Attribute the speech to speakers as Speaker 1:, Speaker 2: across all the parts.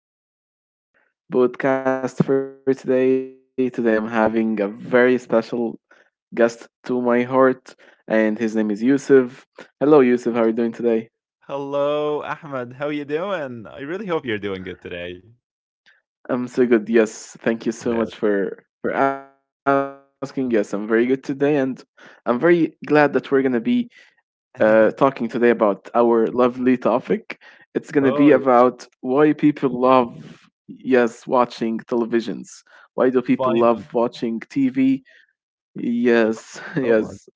Speaker 1: Hello and welcome back, everyone, to our podcast for today. Today, I'm having a very special guest to my heart, and his name is Yusuf. Hello, Yusuf. How are you doing today?
Speaker 2: Hello, Ahmed. How you doing? I really hope you're doing good today.
Speaker 1: I'm so good.
Speaker 2: That.
Speaker 1: Yes, thank you so much for asking. Yes, I'm very good today, and I'm very glad that we're gonna be talking today about our lovely topic. It's
Speaker 2: Oh,
Speaker 1: gonna
Speaker 2: yeah.
Speaker 1: be about why people love yes watching televisions. Why do people
Speaker 2: Finally.
Speaker 1: love watching TV?
Speaker 2: I love
Speaker 1: Yes,
Speaker 2: it so much.
Speaker 1: yes.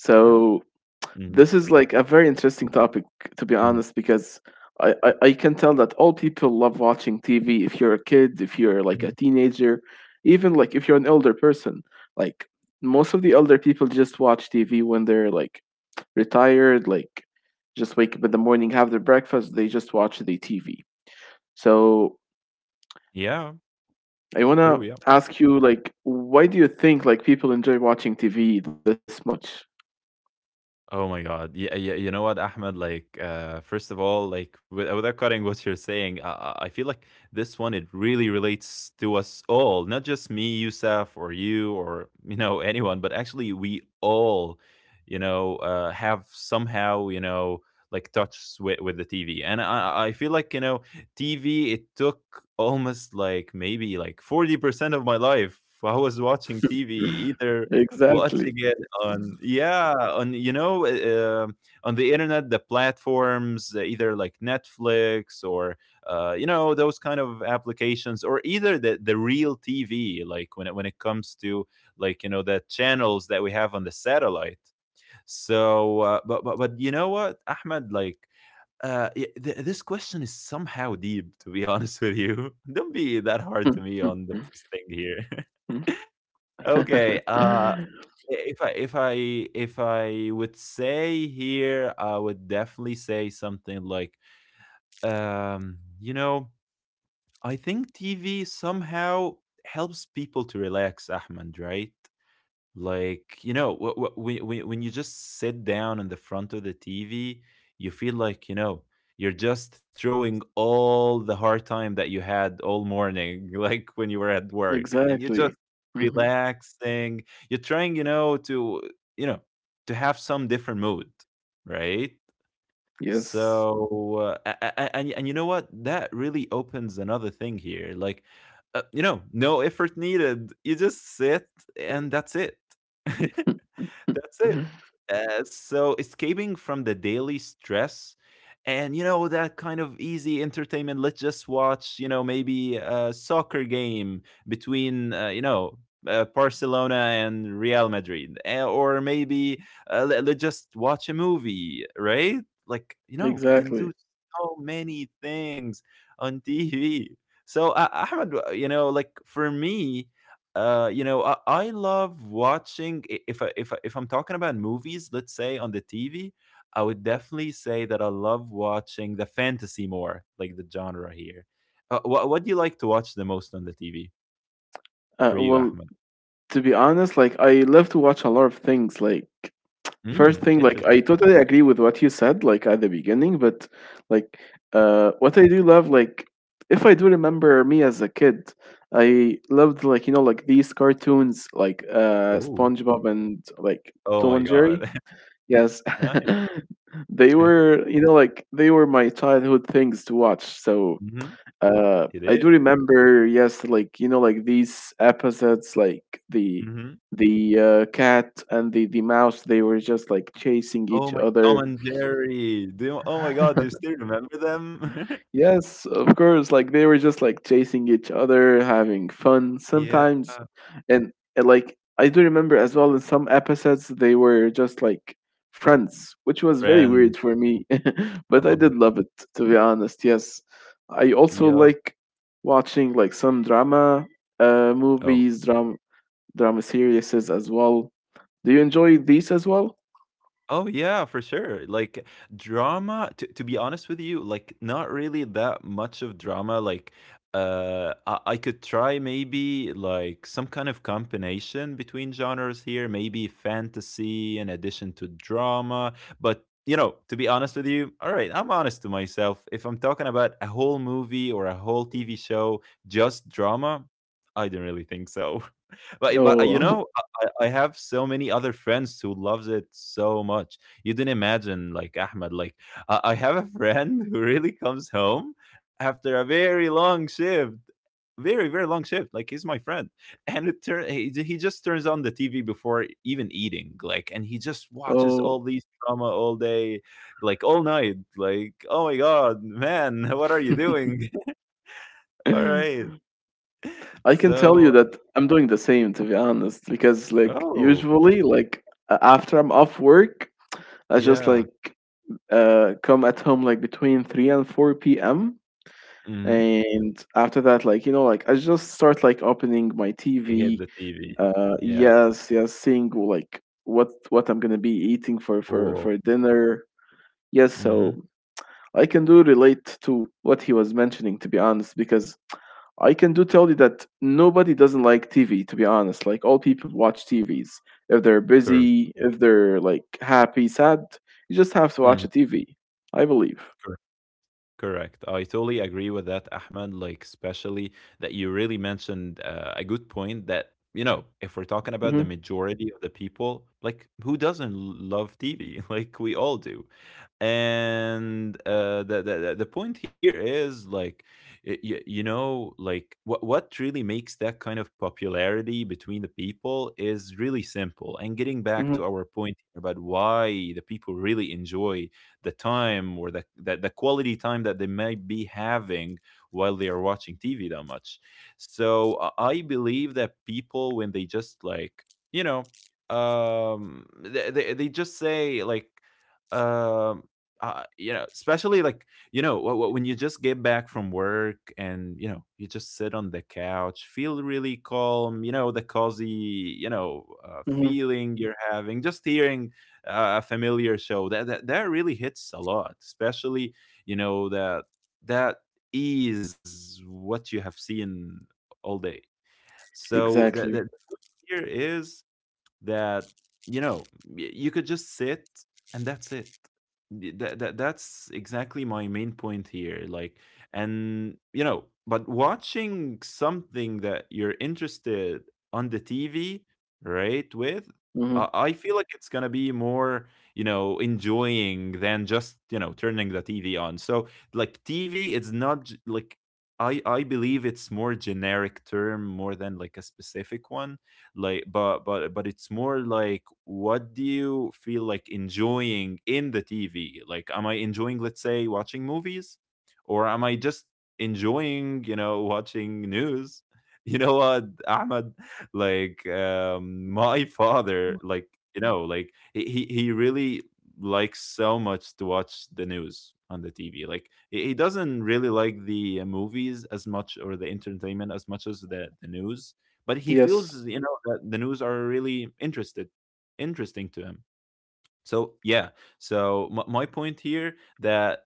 Speaker 2: Yeah. Mhm.
Speaker 1: this is like a very interesting topic, to be
Speaker 2: Mhm.
Speaker 1: honest, because I can tell that all people love watching TV. If you're a kid, if you're like
Speaker 2: Mhm.
Speaker 1: a teenager, even like if you're an elder person, like most of the elder people just watch TV when they're like retired, like just wake up in the morning, have their breakfast, they just watch the TV. So
Speaker 2: Yeah.
Speaker 1: I
Speaker 2: True.
Speaker 1: wanna
Speaker 2: Yeah.
Speaker 1: ask you, like, why do you think like people enjoy watching TV this much?
Speaker 2: Oh my God. Yeah, yeah, you know what, Ahmed? Like, first of all, like, without cutting what you're saying, I feel like this one, it really relates to us all, not just me, Yusuf, or you, or, you know, anyone, but actually, we all, you know, have somehow, you know, like touched with the TV. And I feel like, you know, TV, it took almost like maybe like 40% of my life. I was watching TV, either
Speaker 1: Exactly.
Speaker 2: watching it on yeah on you know on the internet the platforms either like netflix or you know those kind of applications or either the real tv like when it comes to like you know the channels that we have on the satellite, so but you know what ahmed like this question is somehow deep, to be honest with you. Don't be that hard to me on the first thing here. Okay, if I if I if I would say here, I would definitely say something like, you know, I think TV somehow helps people to relax, Ahmed, right? Like you know when you just sit down in the front of the tv, you feel like you know you're just throwing all the hard time that you had all morning like when you were at work and you're
Speaker 1: Exactly.
Speaker 2: just
Speaker 1: Mhm.
Speaker 2: relaxing, you're trying you know to have some different mood, right?
Speaker 1: Yes.
Speaker 2: So, and you know what? That really opens another thing here. Like, you know, no effort needed. You just sit, and that's it. That's it. So escaping from the daily stress and you know that kind of easy entertainment, let's just watch you know maybe a soccer game between you know Barcelona and Real Madrid, eh, or maybe let, us just watch a movie, right? Like you know we can do
Speaker 1: Exactly.
Speaker 2: so many things on TV. So Ahmed, you know like for me you know, I love watching. If I'm talking about movies, let's say on the TV, I would definitely say that I love watching the fantasy more, like the genre here. What do you like to watch the most on the TV
Speaker 1: Uh,
Speaker 2: for you,
Speaker 1: well,
Speaker 2: Ahmed?
Speaker 1: to be honest, like I love to watch a lot of things. Like, first
Speaker 2: Mm,
Speaker 1: thing, like
Speaker 2: interesting.
Speaker 1: I totally agree with what you said, like at the beginning, but like what I do love, like if I do remember me as a kid, I loved like you know like these cartoons like
Speaker 2: Oh,
Speaker 1: SpongeBob and like
Speaker 2: oh
Speaker 1: Tom
Speaker 2: my
Speaker 1: and Jerry.
Speaker 2: God,
Speaker 1: Yes.
Speaker 2: nice.
Speaker 1: They were you know like they were my childhood things to watch. So
Speaker 2: Mhm. It
Speaker 1: I
Speaker 2: is.
Speaker 1: do remember, yes, like you know, like these episodes, like the
Speaker 2: Mm-hmm.
Speaker 1: the uh, cat and the mouse, they were just like chasing
Speaker 2: Oh
Speaker 1: each
Speaker 2: my, Tom
Speaker 1: other.
Speaker 2: and Jerry. Do you, oh my God, do you still remember them?
Speaker 1: Yes, of course. Like they were just like chasing each other, having fun
Speaker 2: Yeah,
Speaker 1: sometimes, and like I do remember as well in some episodes they were just like friends, which was very
Speaker 2: friends.
Speaker 1: weird for me, but I did
Speaker 2: Oh,
Speaker 1: love it to be honest. Yes, I also
Speaker 2: yep.
Speaker 1: like watching like some drama, uh,
Speaker 2: Oh,
Speaker 1: movies, drama drama series as well. Do you enjoy these as well?
Speaker 2: oh yeah, for sure. Like drama, to be honest with you, like not really that much of drama. Like I could try maybe like some kind of combination between genres here, maybe fantasy in addition to drama. But you know, to be honest with you, all right, I'm honest to myself. If I'm talking about a whole movie or a whole TV show, just drama, I don't really think so. But you
Speaker 1: Oh,
Speaker 2: know, I have so many other friends who loves it so much. You didn't imagine, like Ahmed. Like I have a friend who really comes home after a very long shift, very very long shift. Like he's my friend, and it turn he just turns on the TV before even eating. Like and he just watches
Speaker 1: oh.
Speaker 2: all these drama all day, like all night. Like oh my god, man, what are you doing? All right,
Speaker 1: I can tell you
Speaker 2: so
Speaker 1: that I'm doing the same, to be honest, because like
Speaker 2: oh
Speaker 1: usually, like after I'm off work, I just
Speaker 2: yeah.
Speaker 1: like come at home like between 3 and 4 p.m.
Speaker 2: Hmm.
Speaker 1: And after that like you know like I just start like opening my
Speaker 2: He hit
Speaker 1: TV.
Speaker 2: the TV. Yeah.
Speaker 1: Yes, seeing like what I'm gonna be eating for for
Speaker 2: Cool.
Speaker 1: for dinner. Yes.
Speaker 2: Mm. Mhm.
Speaker 1: So I can do relate to what he was mentioning, to be honest, because I can do tell you that nobody doesn't like TV, to be honest. Like all people watch TVs. If they're
Speaker 2: Correct.
Speaker 1: busy, if they're like happy, sad, you just have to watch
Speaker 2: Mm,
Speaker 1: a TV, I believe.
Speaker 2: correct. I totally agree with that, Ahmed. Like, especially that you really mentioned a good point that, you know, if we're talking about
Speaker 1: Mm-hmm,
Speaker 2: the majority of the people, like, who doesn't love TV? Like, we all do. And the, the point here is, like, you know, like, what really makes that kind of popularity between the people is really simple. And getting back to
Speaker 1: mm-hmm,
Speaker 2: our point about why the people really enjoy the time or the quality time that they might be having while they are watching TV that much. So I believe that people when they just like you know they just say like um you know especially like you know when you just get back from work and you know you just sit on the couch, feel really calm, you know the cozy you know
Speaker 1: mm-hmm.
Speaker 2: feeling you're having, just hearing a familiar show. That really hits a lot, especially you know that that is what you have seen all day. So that
Speaker 1: Exactly.
Speaker 2: that here is that you know you could just sit and that's it, that's exactly my main point here, like and you know but watching something that you're interested on the tv, right? With
Speaker 1: Mm-hmm.
Speaker 2: I feel like it's gonna be more you know enjoying than just you know turning the tv on, so like tv, it's not like I believe it's more generic term more than like a specific one, like but it's more like what do you feel like enjoying in the tv, like am I enjoying let's say watching movies or am I just enjoying you know watching news. You know what ahmed, like my father, like you know like he really likes so much to watch the news on the tv, like he doesn't really like the movies as much or the entertainment as much as the news, but he
Speaker 1: Yes.
Speaker 2: feels you know that the news are really interested interesting to him, so yeah, so my point here that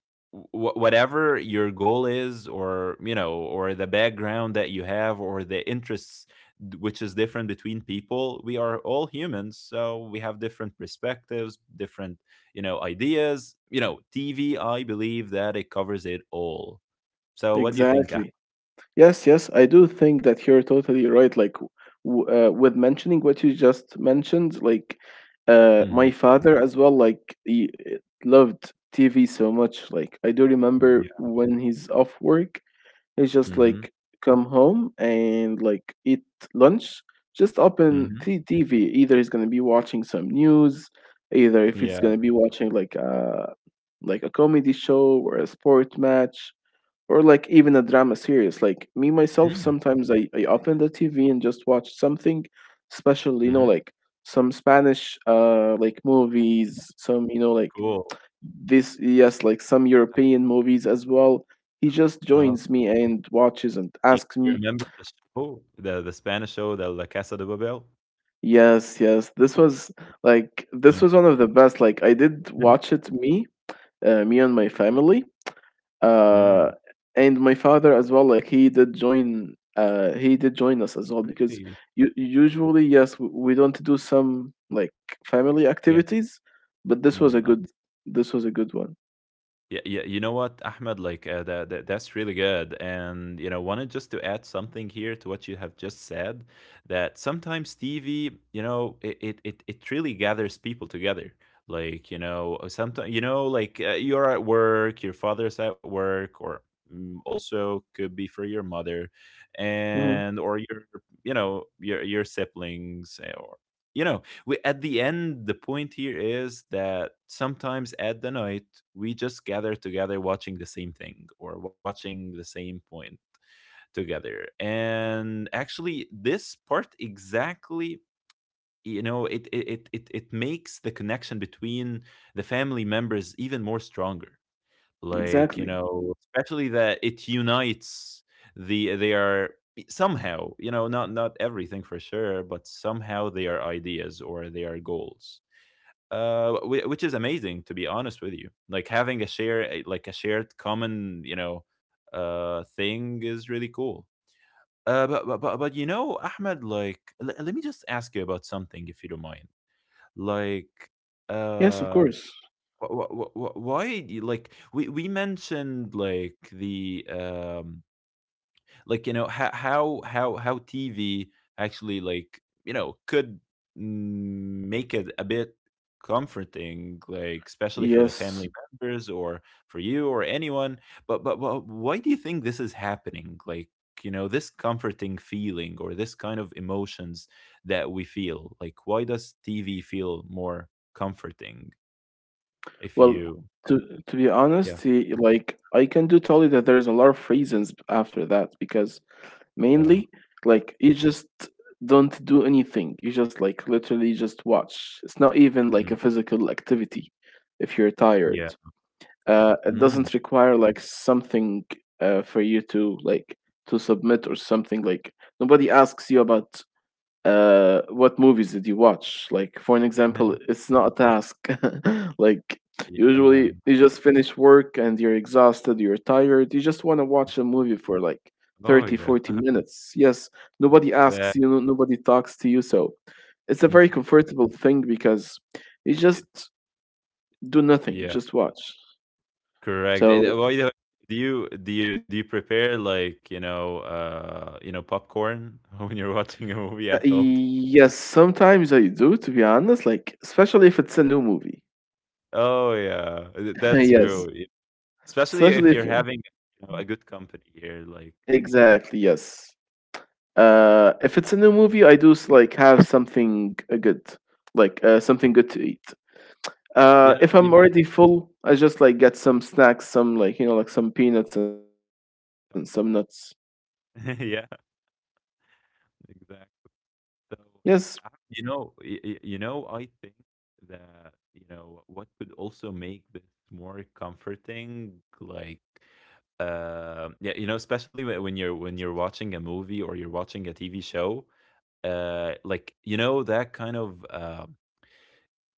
Speaker 2: whatever your goal is or you know or the background that you have or the interests, which is different between people, we are all humans so we have different perspectives, different you know ideas. You know tv, I believe that it covers it all. So what do you think?
Speaker 1: Exactly. Yes, yes, I do think that you're totally right. Like, with mentioning what you just mentioned, like,
Speaker 2: Mm-hmm.
Speaker 1: my father as well, like, he loved TV so much. Like, I do remember
Speaker 2: Yeah.
Speaker 1: when he's off work, he's just
Speaker 2: Mm-hmm.
Speaker 1: like come home and like eat lunch, just open
Speaker 2: Mm-hmm.
Speaker 1: the TV. Either he's gonna be watching some news, either if it's
Speaker 2: Yeah.
Speaker 1: gonna be watching like a comedy show or a sport match or like even a drama series. Like me myself
Speaker 2: Mm-hmm.
Speaker 1: sometimes I open the TV and just watch something special, you know, like some Spanish like movies, some you know like
Speaker 2: Cool.
Speaker 1: this. Yes, like some European movies as well. He just
Speaker 2: Oh,
Speaker 1: joins me and watches and
Speaker 2: you
Speaker 1: asks
Speaker 2: you
Speaker 1: me.
Speaker 2: remember the show, the Spanish show, the La Casa de Papel?
Speaker 1: Yes. Yes, this was, like,
Speaker 2: My
Speaker 1: this was one of the best. Like I did
Speaker 2: Mhm.
Speaker 1: watch it, me, me and my family,
Speaker 2: Mm,
Speaker 1: uh and my father as well. Like he did join, he did join us as well, because
Speaker 2: really?
Speaker 1: you
Speaker 2: Cool.
Speaker 1: usually, yes, we don't do some like family
Speaker 2: Yeah.
Speaker 1: activities, but this was
Speaker 2: Mm,
Speaker 1: a
Speaker 2: I.
Speaker 1: good, this was a good one.
Speaker 2: Yeah, yeah, you know what, Ahmed, like that, that's really good. And you know, wanted just to add something here to what you have just said, that sometimes TV, you know, it really gathers people together. Like, you know, sometimes you know, like you're at work, your father's at work or mm, also could be for your mother
Speaker 1: Hmm.
Speaker 2: and or your you know, your siblings, eh, or you know we, at the end, the point here is that sometimes at the night, we just gather together watching the same thing or watching the same point together. And actually, this part exactly you know it makes the connection between the family members even more stronger, like you
Speaker 1: Exactly.
Speaker 2: know especially that it unites the they are somehow you know not not everything for sure but somehow they are ideas or they are goals, which is amazing to be honest with you, like having a share like a shared common you know thing is really cool. But you know ahmed, like let me just ask you about something if you don't mind, like
Speaker 1: Yes, of
Speaker 2: uh
Speaker 1: course.
Speaker 2: why do you- like we mentioned like the like you know how tv actually like you know could mm, make it a bit comforting, like especially for the
Speaker 1: Yes.
Speaker 2: family members or for you or anyone, but but why do you think this is happening, like you know this comforting feeling or this kind of emotions that we feel like why does tv feel more comforting if
Speaker 1: Well,
Speaker 2: you
Speaker 1: to to be
Speaker 2: yeah
Speaker 1: honest, like I can do tell you that there's a lot of reasons after that, because
Speaker 2: uh,
Speaker 1: mainly like you just don't do anything, you just like literally just watch. It's not even like
Speaker 2: mm,
Speaker 1: a physical activity. If you're tired,
Speaker 2: yeah
Speaker 1: it
Speaker 2: mm.
Speaker 1: doesn't require like something for you to like to submit or something. Like nobody asks you about what movies did you watch, like for an example. It's not a task, like
Speaker 2: Yeah
Speaker 1: usually you just finish work and you're exhausted, you're tired, you just want to watch a movie for like
Speaker 2: oh
Speaker 1: 30,
Speaker 2: yeah
Speaker 1: forty minutes Yes, nobody
Speaker 2: exactly.
Speaker 1: asks you, nobody talks to you. So it's a very
Speaker 2: Mhm.
Speaker 1: comfortable thing, because you
Speaker 2: It
Speaker 1: just do nothing, you
Speaker 2: yeah,
Speaker 1: just watch.
Speaker 2: correct. Eh,
Speaker 1: So
Speaker 2: well, you know, do you prepare like, you know, popcorn when you're watching a movie at home?
Speaker 1: yes, sometimes I do, to be honest, like especially if it's a new movie.
Speaker 2: Oh yeah, that's
Speaker 1: Yes,
Speaker 2: true. Y- Especially
Speaker 1: especially
Speaker 2: if you're
Speaker 1: if.
Speaker 2: having, you know, a good company here, like
Speaker 1: Exactly, yes. If it's a new movie, I do like have something good, like something good to eat. If
Speaker 2: you
Speaker 1: I'm
Speaker 2: know,
Speaker 1: already full, I just like get some snacks, some like you know, like some peanuts and some nuts.
Speaker 2: yeah, exactly.
Speaker 1: Yes.
Speaker 2: So, uh, I- you know, y- y- you know, I think that, what could also make this more comforting, like, especially when you're watching a movie or you're watching a TV show, like, you know, that kind of
Speaker 1: Hmm.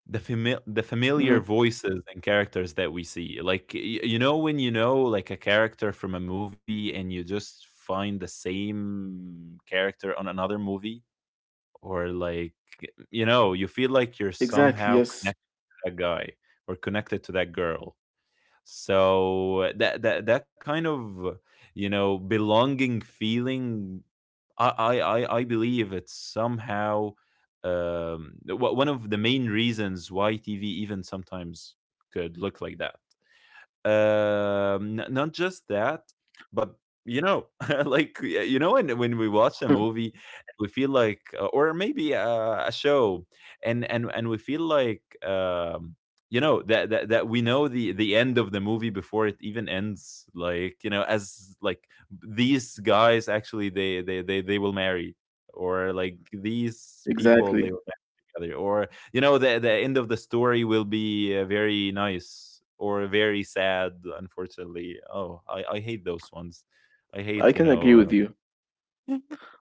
Speaker 2: the the familiar voices and characters that we see, like, when you know like a character from a movie and you just find the same character on another movie or like
Speaker 1: Exactly.
Speaker 2: you
Speaker 1: Yes.
Speaker 2: know you feel like you're somehow connected to that guy or connected to that girl. So that kind of you know belonging feeling, I believe it's somehow, one of the main reasons why TV even sometimes could look like that. Not just that, but you know, like
Speaker 1: Hmm.
Speaker 2: when we watch a movie, and we feel like, or maybe a show, and we feel like, that, that we know the end of the movie before it even ends. Like you know, as like these guys actually they will marry, or like these
Speaker 1: Exactly.
Speaker 2: people they will marry together, or you know the end of the story will be very nice or very sad. Unfortunately, oh, I hate those ones. I hate,
Speaker 1: I can agree with you.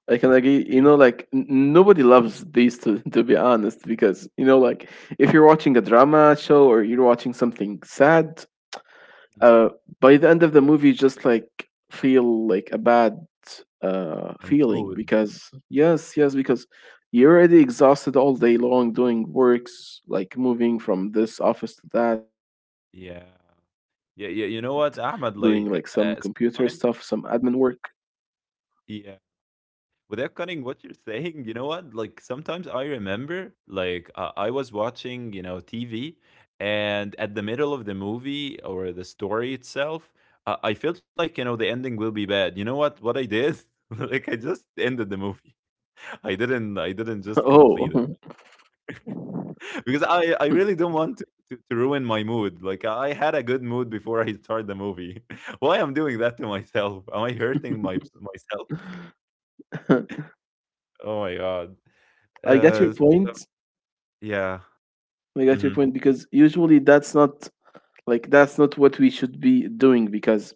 Speaker 1: I can agree.
Speaker 2: y-
Speaker 1: You know, like nobody loves these to to be honest, because you know, like if you're watching a drama show or you're watching something sad, uh, by the end of the movie, just like feel like a bad
Speaker 2: and
Speaker 1: feeling,
Speaker 2: mood.
Speaker 1: because yes, yes, because you're already exhausted all day long doing works, like moving from this office to that, doing
Speaker 2: yeah
Speaker 1: like some
Speaker 2: yeah
Speaker 1: computer
Speaker 2: yeah You
Speaker 1: stuff,
Speaker 2: know
Speaker 1: some
Speaker 2: what,
Speaker 1: admin
Speaker 2: Ahmed? Like,
Speaker 1: work.
Speaker 2: sometime- yeah, without cutting what you're saying, you know what? Like sometimes I remember, like I was watching, you know, TV, and at the middle of the movie or the story itself, I felt like you know the ending will be bad. You know what? What I did? like I just ended the movie. I didn't. I didn't just complete it,
Speaker 1: Oh.
Speaker 2: because I really don't want to. To ruin my mood. Like I had a good mood before I start the movie. why I'm doing that to myself? Am I hurting my, myself? Oh my god.
Speaker 1: I get
Speaker 2: uh
Speaker 1: your point.
Speaker 2: Yeah,
Speaker 1: I get your
Speaker 2: mhm.
Speaker 1: point, because usually that's not, like that's not what we should be doing, because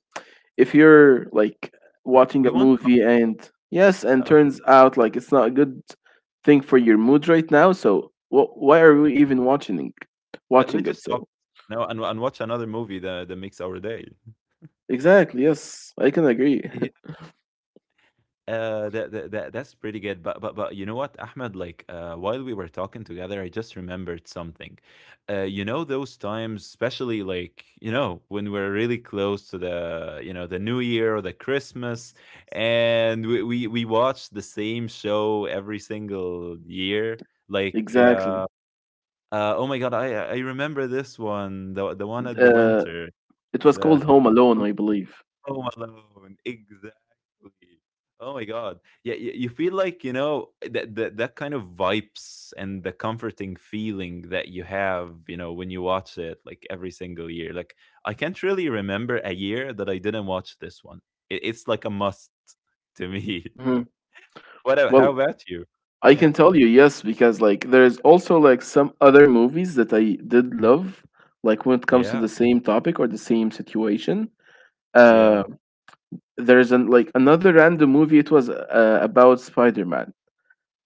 Speaker 1: if you're like watching
Speaker 2: We
Speaker 1: a
Speaker 2: want com,
Speaker 1: movie and yes and
Speaker 2: yeah.
Speaker 1: turns out like it's not a good thing for your mood right now, so why are we even watching
Speaker 2: Let
Speaker 1: watching
Speaker 2: let's just
Speaker 1: it?
Speaker 2: stop,
Speaker 1: So
Speaker 2: you know, and watch another movie that makes our day.
Speaker 1: exactly, yes, I can agree.
Speaker 2: Yeah. That's pretty good, but but you know what, Ahmed? Like, while we were talking together, I just remembered something. You know those times, especially like you know when we're really close to the you know the New Year or the Christmas, and we we watch the same show every single year, like.
Speaker 1: Exactly.
Speaker 2: Oh my god, I remember this one, the one at the
Speaker 1: uh
Speaker 2: winter.
Speaker 1: it
Speaker 2: It's,
Speaker 1: was called Home Alone, I believe.
Speaker 2: Home Alone, exactly. Oh my god, yeah, you feel like you know that kind of vibes and the comforting feeling that you have, you know, when you watch it like every single year. Like I can't really remember a year that I didn't watch this one. It's like a must to me.
Speaker 1: Hmm.
Speaker 2: What? How
Speaker 1: Well,
Speaker 2: about you?
Speaker 1: I
Speaker 2: Yeah,
Speaker 1: can tell you, yes, because like there's also like some other movies that I did love, like when it comes to
Speaker 2: yeah,
Speaker 1: the same topic or the same situation. Uh
Speaker 2: yeah.
Speaker 1: there's an Like another random movie. It was about Spider Man.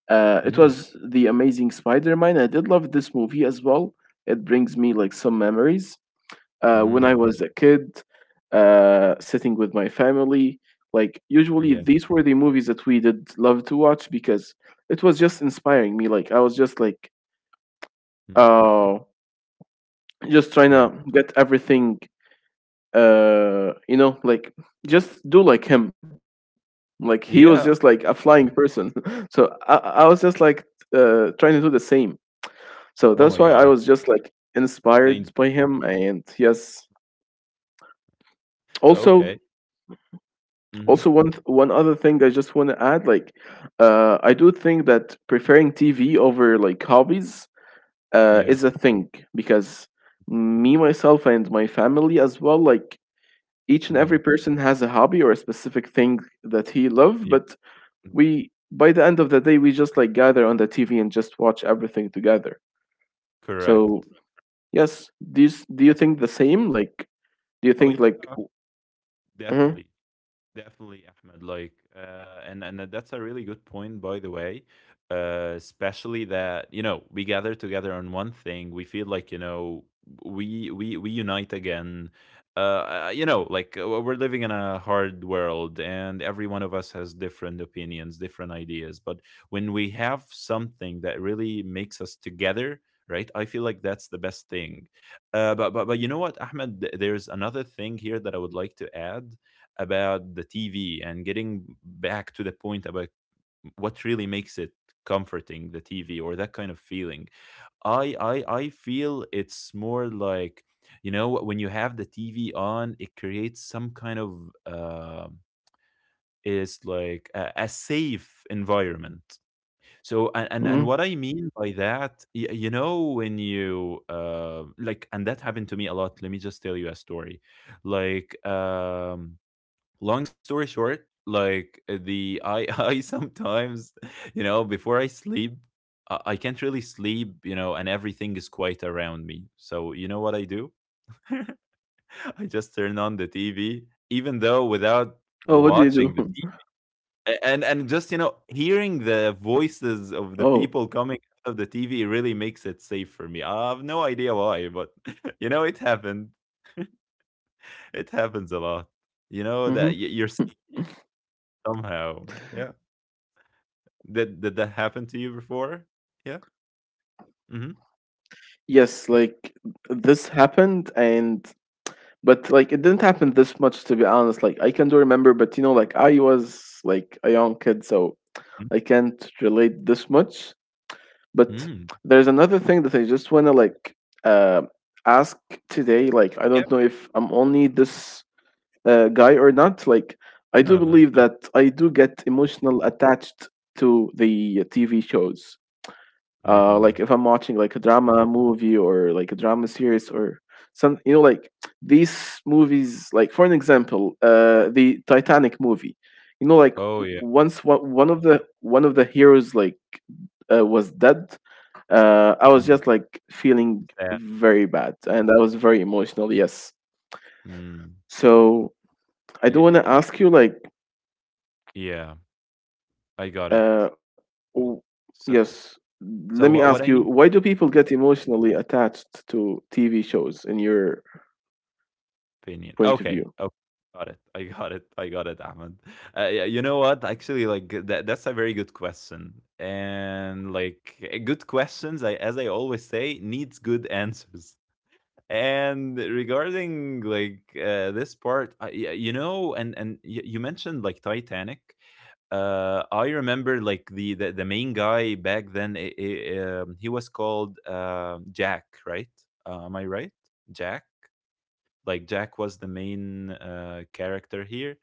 Speaker 1: It
Speaker 2: Mm,
Speaker 1: was the Amazing Spider Man. I did love this movie as well. It brings me like some memories when I
Speaker 2: mm,
Speaker 1: was a kid, sitting with my family. Like
Speaker 2: yeah,
Speaker 1: usually, these were the movies that we did love to watch, because it was just inspiring me. Like I was just like,
Speaker 2: mm,
Speaker 1: oh, just trying
Speaker 2: yeah.
Speaker 1: to get everything, you know, like just do like him. Like he was just like a flying
Speaker 2: Yeah.
Speaker 1: person. So I was just like trying to do the same. So that's why I
Speaker 2: Oh
Speaker 1: was
Speaker 2: my
Speaker 1: just
Speaker 2: god.
Speaker 1: like inspired by
Speaker 2: They enj,
Speaker 1: him. And yes, also,
Speaker 2: okay. Mhm.
Speaker 1: also one one other thing I just want to add, like I do think that preferring TV over like hobbies
Speaker 2: Yeah.
Speaker 1: is a thing, because me myself and my family as well, like each and every
Speaker 2: Mhm.
Speaker 1: person has a hobby or a specific thing that he love,
Speaker 2: Yeah.
Speaker 1: but we by the end of the day we just like gather on the TV and just watch everything together.
Speaker 2: Correct.
Speaker 1: So yes, do you, do you
Speaker 2: That's,
Speaker 1: think the same? Like do you
Speaker 2: oh,
Speaker 1: think like
Speaker 2: yeah.
Speaker 1: mhm,
Speaker 2: Definitely. Definitely, Ahmed. Like, and that's a really good point, by the way. Especially that you know we gather together on one thing. We feel like you know we we unite again. Uh, we're living in a hard world, and every one of us has different opinions, different ideas. But when we have something that really makes us together, right? I feel like that's the best thing. But but you know what, Ahmed? There's another thing here that I would like to add about the TV and getting back to the point about what really makes it comforting, the TV or that kind of feeling. I feel it's more like you know when you have the TV on, it creates some kind of, is like a safe environment. So and, and what I
Speaker 1: mhm.
Speaker 2: mean by that, you know, when you like, and that happened to me a lot. Let me just tell you a story. Like long story short, like the I I sometimes, you know, before I sleep, I can't really sleep, you know, and everything is quiet around me. So you know what I do? I just turn on the
Speaker 1: Oh,
Speaker 2: TV,
Speaker 1: what do you do?
Speaker 2: even though without watching the TV, and just you know hearing
Speaker 1: Oh.
Speaker 2: the voices of the people coming out of the TV really makes it safe for me. I have no idea why but you know it happened. It happens a lot.
Speaker 1: Hmm.
Speaker 2: You know that you're safe somehow. Yeah. Did that happen to you before? Yeah? Mhm.
Speaker 1: Yes, like this happened, and but like it didn't happen this much, to be honest. Like I can do remember, but you know like I was like a young kid, so
Speaker 2: Mm.
Speaker 1: I can't relate this much. But
Speaker 2: Mm.
Speaker 1: there's another thing that I just want to, like, uh, ask today. Like, I don't
Speaker 2: Yep.
Speaker 1: know if I'm only this guy or not. Like, I do
Speaker 2: No, no, no. It's
Speaker 1: believe
Speaker 2: o,
Speaker 1: that I do get emotional attached to the TV shows,
Speaker 2: mm.
Speaker 1: like if I'm watching like a drama movie or like a drama series or some you know like these movies, like for an example the Titanic movie. You know like
Speaker 2: Oh,
Speaker 1: w-
Speaker 2: yeah.
Speaker 1: once one, one of the heroes, like, was dead, I was
Speaker 2: Mm.
Speaker 1: just like feeling
Speaker 2: Sad.
Speaker 1: very bad and I was very emotional. Yes.
Speaker 2: Mm.
Speaker 1: So I
Speaker 2: Y
Speaker 1: do want to
Speaker 2: y y
Speaker 1: ask you, like,
Speaker 2: Yeah. I got it.
Speaker 1: Uh, w-
Speaker 2: So,
Speaker 1: yes. Let me
Speaker 2: what
Speaker 1: ask
Speaker 2: I
Speaker 1: you,
Speaker 2: mean,
Speaker 1: why do people get emotionally attached to TV shows in your
Speaker 2: opinion.
Speaker 1: point of
Speaker 2: Okay.
Speaker 1: view?
Speaker 2: Okay. Got it. I got it. I got it, Ahmed. Yeah, you know what? Actually, like, that's a very good question. And, like, eh, good questions, I as I always say, needs good answers. And regarding like this part I, you know, and you mentioned like Titanic. I remember like the the main guy back then, he was called Jack, right? Am I right? Jack? Like
Speaker 1: Exactly,
Speaker 2: Jack
Speaker 1: yes.
Speaker 2: was the main character here,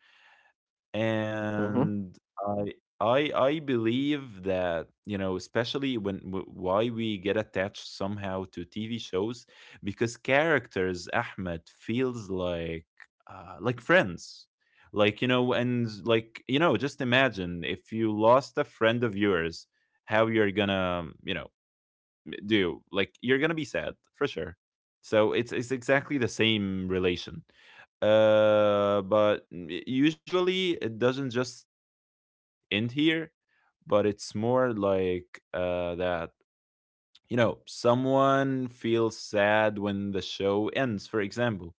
Speaker 1: Hmm.
Speaker 2: and I, I believe that you know, especially when why we get attached somehow to TV shows, because characters, Ahmed, feels like friends, like you know, and like you know, just imagine if you lost a friend of yours, how you're gonna you know do. Like you're gonna be sad for sure. So it's exactly the same relation. But usually it doesn't just end here, but it's more like that you know someone feels sad when the show ends, for example,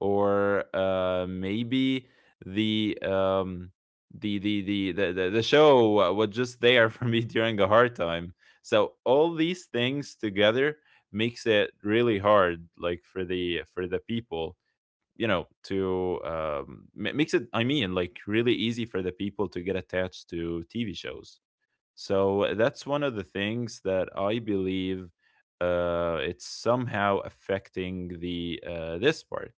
Speaker 2: or maybe the um, the show was just there for me during a hard time. So all these things together makes it really hard, like for the people, you know, to makes it. I mean, like really easy for the people to get attached to TV shows. So that's one of the things that I believe, it's somehow affecting the this part.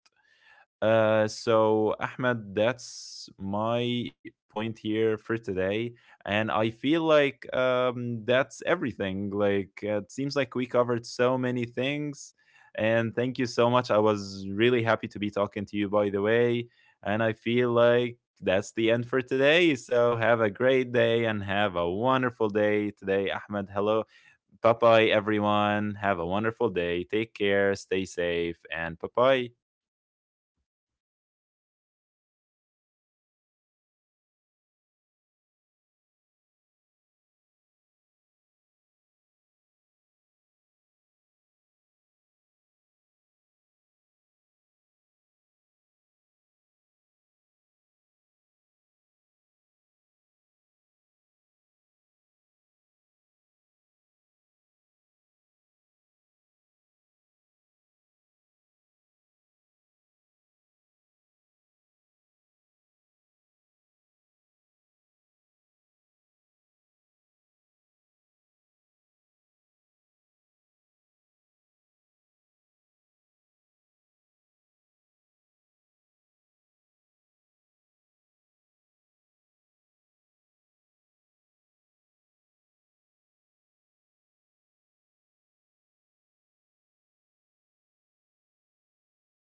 Speaker 2: So, Ahmed, that's my point here for today. And I feel like that's everything. Like, it seems like we covered so many things. And thank you so much. I was really happy to be talking to you, by the way. And I feel like that's the end for today. So, have a great day and have a wonderful day today, Ahmed. Hello. Bye bye, everyone. Have a wonderful day. Take care. Stay safe. And bye bye.